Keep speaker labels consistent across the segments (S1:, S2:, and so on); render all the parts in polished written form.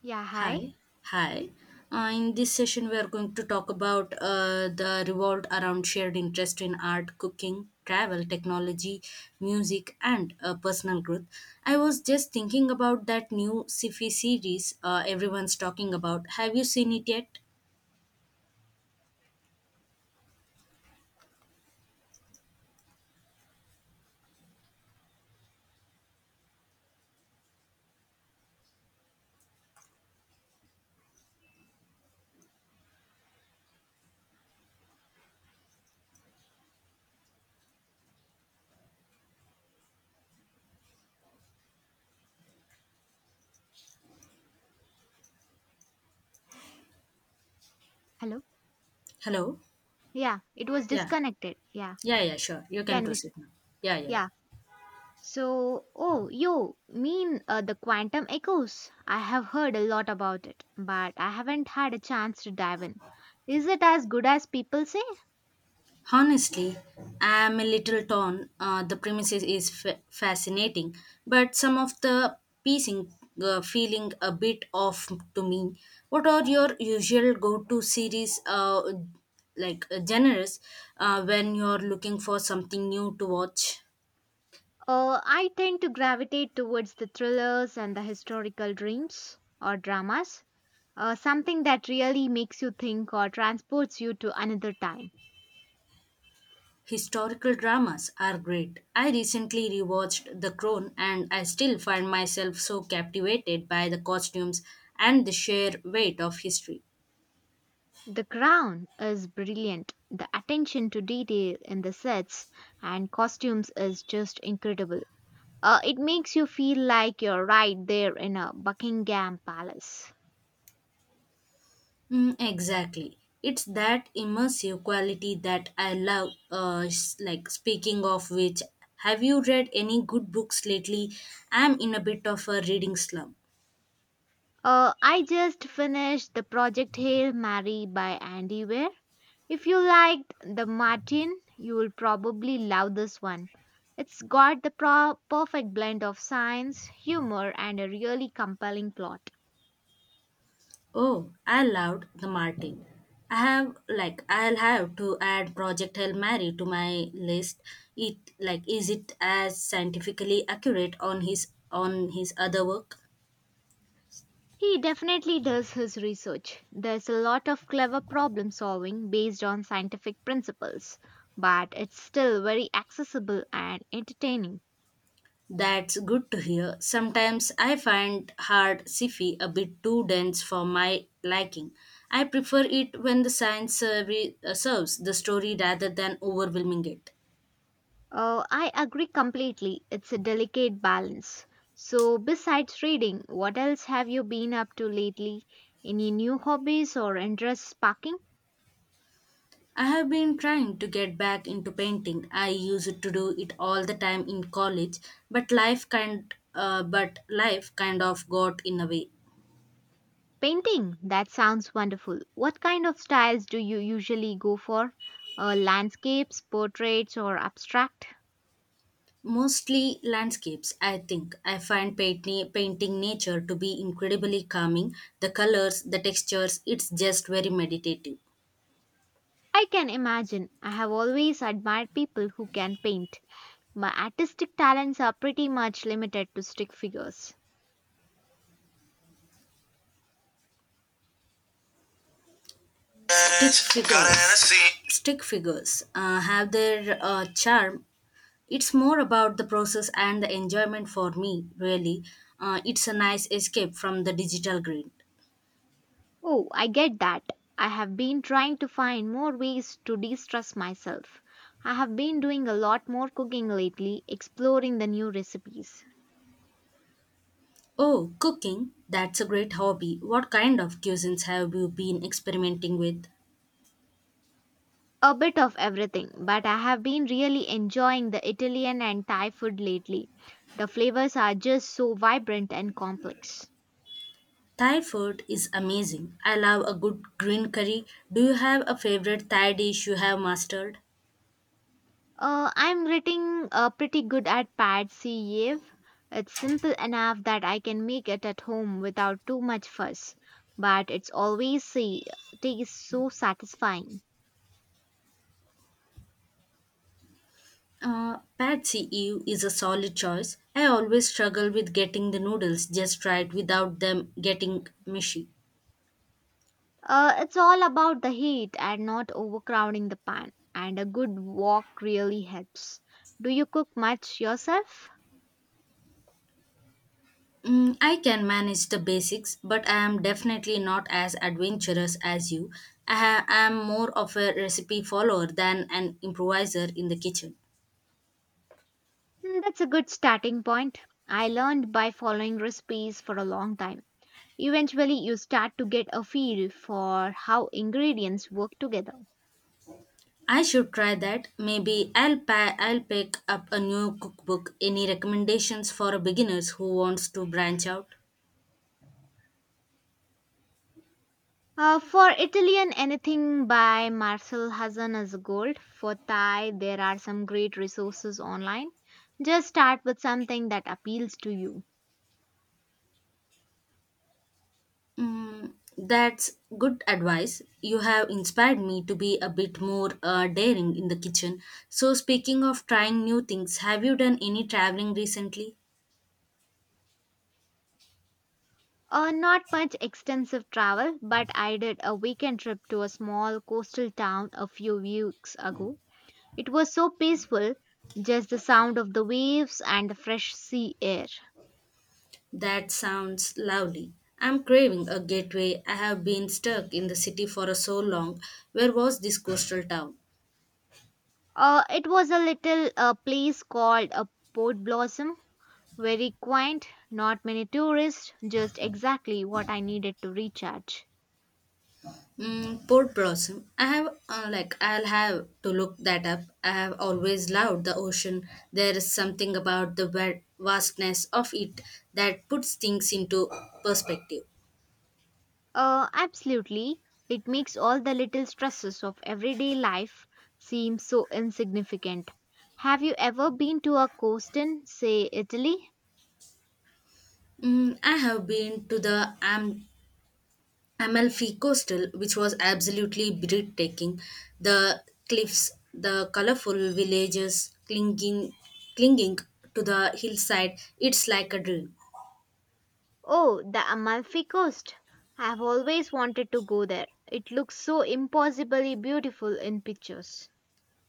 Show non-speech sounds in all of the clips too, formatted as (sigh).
S1: Yeah, hi.
S2: Hi, hi. In this session, we are going to talk about the revolved around shared interest in art, cooking, travel, technology, music, and personal growth. I was just thinking about that new sci-fi series everyone's talking about. Have you seen it yet?
S1: Hello.
S2: Hello.
S1: Yeah, it was
S2: Yeah.
S1: disconnected. Yeah,
S2: Yeah. Yeah. Sure. You can
S1: can we?
S2: proceed now. Yeah. Yeah. Yeah.
S1: Yeah. So, oh, you mean the quantum echoes? I have heard a lot about it, but I haven't had a chance to dive in. Is it as good as people say?
S2: Honestly, I'm a little torn. The premises is fascinating, but some of the piecing feeling a bit off to me. What are your usual go-to series, like genres, when you're looking for something new to watch?
S1: I tend to gravitate towards the thrillers and the historical dreams or dramas. Something that really makes you think or transports you to another time.
S2: Historical dramas are great. I recently rewatched The Crown and I still find myself so captivated by the costumes and the sheer weight of history.
S1: The crown is brilliant. The attention to detail in the sets and costumes is just incredible. It makes you feel like you're right there in a Buckingham Palace.
S2: Mm, exactly. It's that immersive quality that I love. Like speaking of which, have you read any good books lately? I'm in a bit of a reading slump.
S1: I just finished the project Hail Mary by Andy Weir. If you liked the Martin, you will probably love this one. It's got the perfect blend of science, humor, and a really compelling plot.
S2: Oh, I loved The Martin. I'll have to add Project Hail Mary to my list. It like Is it as scientifically accurate on his other work?
S1: He definitely does his research. There's a lot of clever problem solving based on scientific principles, but it's still very accessible and entertaining.
S2: That's good to hear. Sometimes I find hard sci-fi a bit too dense for my liking. I prefer it when the science serves the story rather than overwhelming it.
S1: I agree completely. It's a delicate balance. So, besides reading, what else have you been up to lately? Any new hobbies or interests sparking?
S2: I have been trying to get back into painting. I used to do it all the time in college, but life kind of got in the way.
S1: Painting? That sounds wonderful. What kind of styles do you usually go for? Landscapes, portraits, or abstract?
S2: Mostly landscapes, I think. I find painting nature to be incredibly calming. The colors, the textures, it's just very meditative.
S1: I can imagine. I have always admired people who can paint. My artistic talents are pretty much limited to stick figures.
S2: Stick figures, stick figures have their charm. It's more about the process and the enjoyment for me, really. It's a nice escape from the digital grid.
S1: Oh, I get that. I have been trying to find more ways to de stress myself. I have been doing a lot more cooking lately, exploring the new recipes.
S2: Oh, cooking, that's a great hobby. What kind of cuisines have you been experimenting with?
S1: A bit of everything, but I have been really enjoying the Italian and Thai food lately. The flavors are just so vibrant and complex.
S2: Thai food is amazing. I love a good green curry. Do you have a favorite Thai dish you have mastered?
S1: I'm getting pretty good at pad see ev. It's simple enough that I can make it at home without too much fuss, but it's always see tastes so satisfying.
S2: Pad See Ew is a solid choice. I always struggle with getting the noodles just right without them getting mushy.
S1: It's all about the heat and not overcrowding the pan, and a good wok really helps. Do you cook much yourself?
S2: Mm, I can manage the basics, but I am definitely not as adventurous as you. I am more of a recipe follower than an improviser in the kitchen.
S1: Hmm, that's a good starting point. I learned by following recipes for a long time. Eventually, you start to get a feel for how ingredients work together.
S2: I should try that. Maybe I'll pick up a new cookbook. Any recommendations for beginners who wants to branch out?
S1: For Italian, anything by Marcel Hassan is gold. For Thai, there are some great resources online. Just start with something that appeals to you.
S2: Mm, that's good advice. You have inspired me to be a bit more daring in the kitchen. So speaking of trying new things, have you done any traveling recently?
S1: Not much extensive travel, but I did a weekend trip to a small coastal town a few weeks ago. It was so peaceful, just the sound of the waves and the fresh sea air.
S2: That sounds lovely. I'm craving a gateway. I have been stuck in the city for so long. Where was this coastal town?
S1: It was a little place called a Port Blossom, very quaint, not many tourists, just exactly what I needed to recharge.
S2: Mm, Port Blossom. I'll have to look that up. I have always loved the ocean. There is something about the vastness of it that puts things into perspective.
S1: Absolutely, it makes all the little stresses of everyday life seem so insignificant. Have you ever been to a coast in, say, Italy?
S2: Mm, I have been to the Amalfi Coastal, which was absolutely breathtaking. The cliffs, the colorful villages clinging to the hillside. It's like a dream.
S1: Oh, the Amalfi Coast. I've always wanted to go there. It looks so impossibly beautiful in pictures.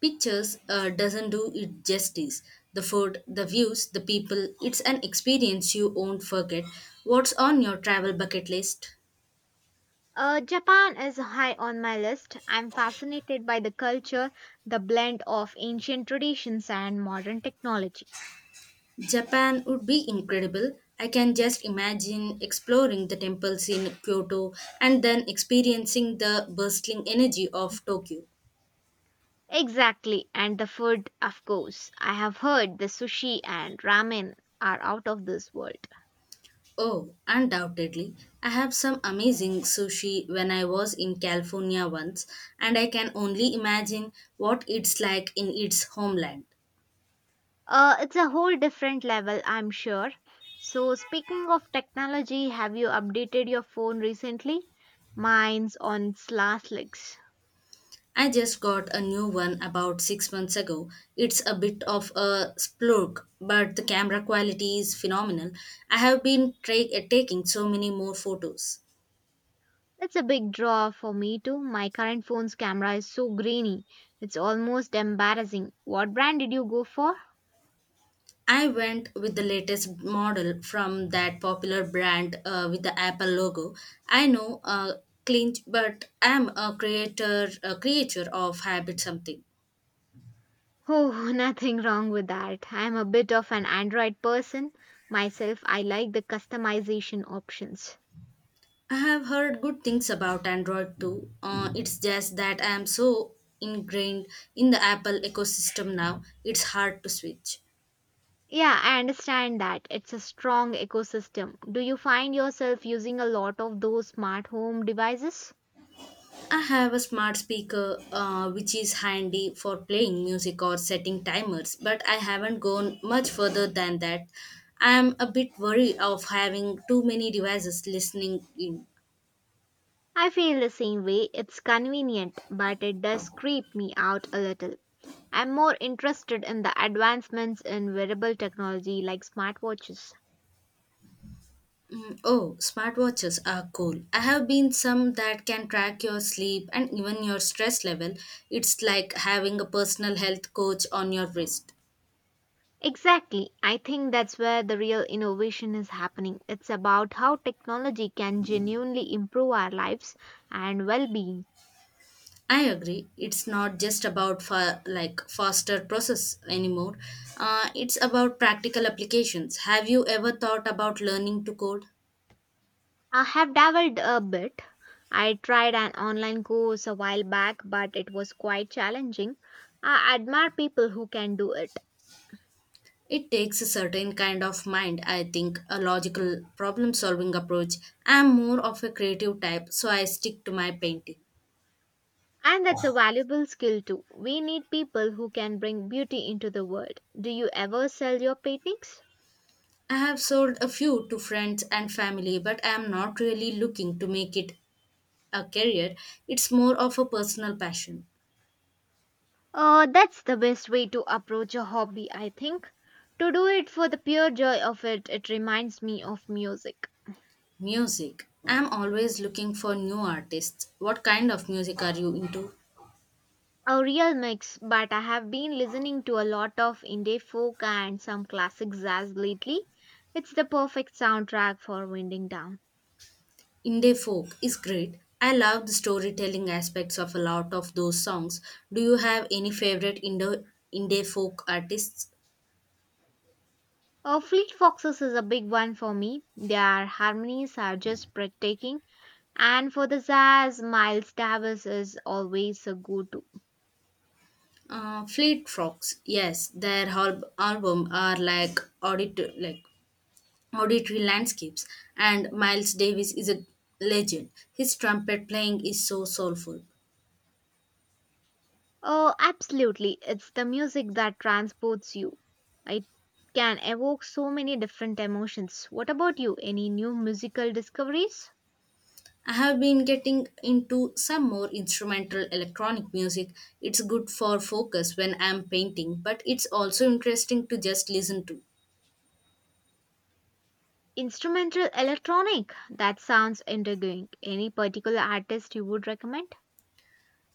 S2: Pictures doesn't do it justice. The food, the views, the people, it's an experience you won't forget. What's on your travel bucket list?
S1: Japan is high on my list. I'm fascinated by the culture, the blend of ancient traditions and modern technology.
S2: Japan would be incredible. I can just imagine exploring the temples in Kyoto and then experiencing the bustling energy of Tokyo.
S1: Exactly, and the food, of course. I have heard the sushi and ramen are out of this world.
S2: Oh, undoubtedly. I have some amazing sushi when I was in California once, and I can only imagine what it's like in its homeland.
S1: It's a whole different level, I'm sure. So, speaking of technology, have you updated your phone recently? Mine's on its last legs.
S2: I just got a new one about six months ago. It's a bit of a splurge, but the camera quality is phenomenal. I have been taking so many more photos.
S1: That's a big draw for me too. My current phone's camera is so grainy. It's almost embarrassing. What brand did you go for?
S2: I went with the latest model from that popular brand with the Apple logo. I know, clinch, but I'm a creature of habit something.
S1: Oh, (laughs) nothing wrong with that. I'm a bit of an Android person myself. I like the customization options.
S2: I have heard good things about Android too. It's just that I am so ingrained in the Apple ecosystem now, it's hard to switch.
S1: Yeah, I understand that. It's a strong ecosystem. Do you find yourself using a lot of those smart home devices?
S2: I have a smart speaker which is handy for playing music or setting timers, but I haven't gone much further than that. I am a bit worried of having too many devices listening in.
S1: I feel the same way. It's convenient, but it does creep me out a little. I'm more interested in the advancements in wearable technology like smartwatches.
S2: Mm, oh, smartwatches are cool. I have been some that can track your sleep and even your stress level. It's like having a personal health coach on your wrist.
S1: Exactly. I think that's where the real innovation is happening. It's about how technology can genuinely improve our lives and well being.
S2: I agree. It's not just about faster process anymore. It's about practical applications. Have you ever thought about learning to code?
S1: I have dabbled a bit. I tried an online course a while back, but it was quite challenging. I admire people who can do it.
S2: It takes a certain kind of mind, I think, a logical problem solving approach. I'm more of a creative type, so I stick to my painting.
S1: And that's a valuable skill too. We need people who can bring beauty into the world. Do you ever sell your paintings?
S2: I have sold a few to friends and family, but I am not really looking to make it a career. It's more of a personal passion.
S1: That's the best way to approach a hobby, I think. To do it for the pure joy of it, it reminds me of music.
S2: Music. I am always looking for new artists. What kind of music are you into?
S1: A real mix, but I have been listening to a lot of indie folk and some classic jazz lately. It's the perfect soundtrack for winding down.
S2: Indie folk is great. I love the storytelling aspects of a lot of those songs. Do you have any favorite indie folk artists?
S1: Fleet Foxes is a big one for me. Their harmonies are just breathtaking. And for the zazz, Miles Davis is always a go to.
S2: Fleet Fox, yes, their album are like auditory landscapes, and Miles Davis is a legend. His trumpet playing is so soulful.
S1: Oh, absolutely. It's the music that transports you. It can evoke so many different emotions. What about you? Any new musical discoveries?
S2: I have been getting into some more instrumental electronic music. It's good for focus when I'm painting, but it's also interesting to just listen to.
S1: Instrumental electronic? That sounds intriguing. Any particular artist you would recommend?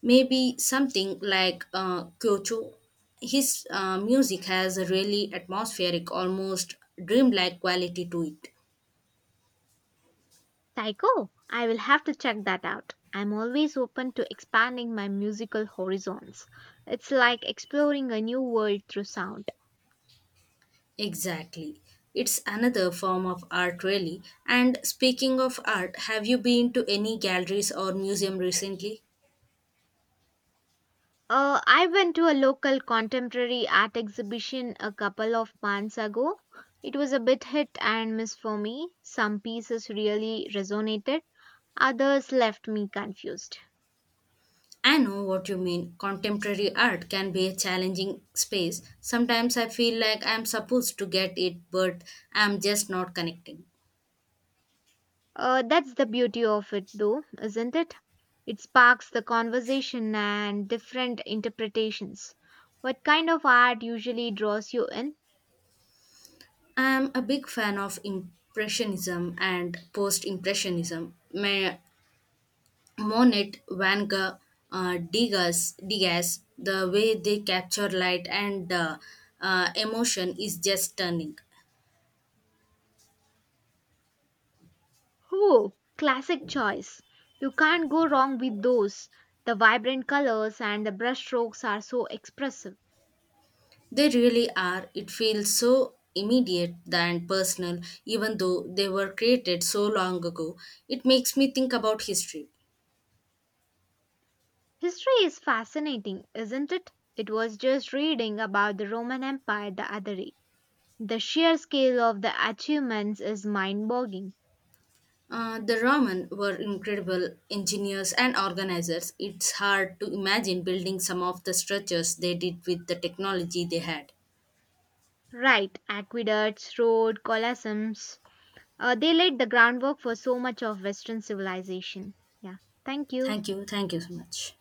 S2: Maybe something like Kyocho. His music has a really atmospheric, almost dreamlike quality to it.
S1: Psycho? I will have to check that out. I'm always open to expanding my musical horizons. It's like exploring a new world through sound.
S2: Exactly. It's another form of art, really. And speaking of art, have you been to any galleries or museum recently?
S1: I went to a local contemporary art exhibition a couple of months ago. It was a bit hit and miss for me. Some pieces really resonated, others left me confused.
S2: I know what you mean. Contemporary art can be a challenging space. Sometimes I feel like I'm supposed to get it, but I'm just not connecting.
S1: That's the beauty of it, though, isn't it? It sparks the conversation and different interpretations. What kind of art usually draws you in?
S2: I'm a big fan of Impressionism and Post Impressionism. My Monet, Van Gogh, Degas, the way they capture light and emotion is just stunning.
S1: Oh, classic choice. You can't go wrong with those. The vibrant colors and the brushstrokes are so expressive.
S2: They really are. It feels so immediate and personal, even though they were created so long ago. It makes me think about history.
S1: History is fascinating, isn't it? It was just reading about the Roman Empire the other day. The sheer scale of the achievements is mind boggling.
S2: The Roman were incredible engineers and organizers. It's hard to imagine building some of the structures they did with the technology they had.
S1: Right, aqueducts, roads, colosseums. They laid the groundwork for so much of Western civilization. Yeah, thank you.
S2: Thank you. Thank you so much.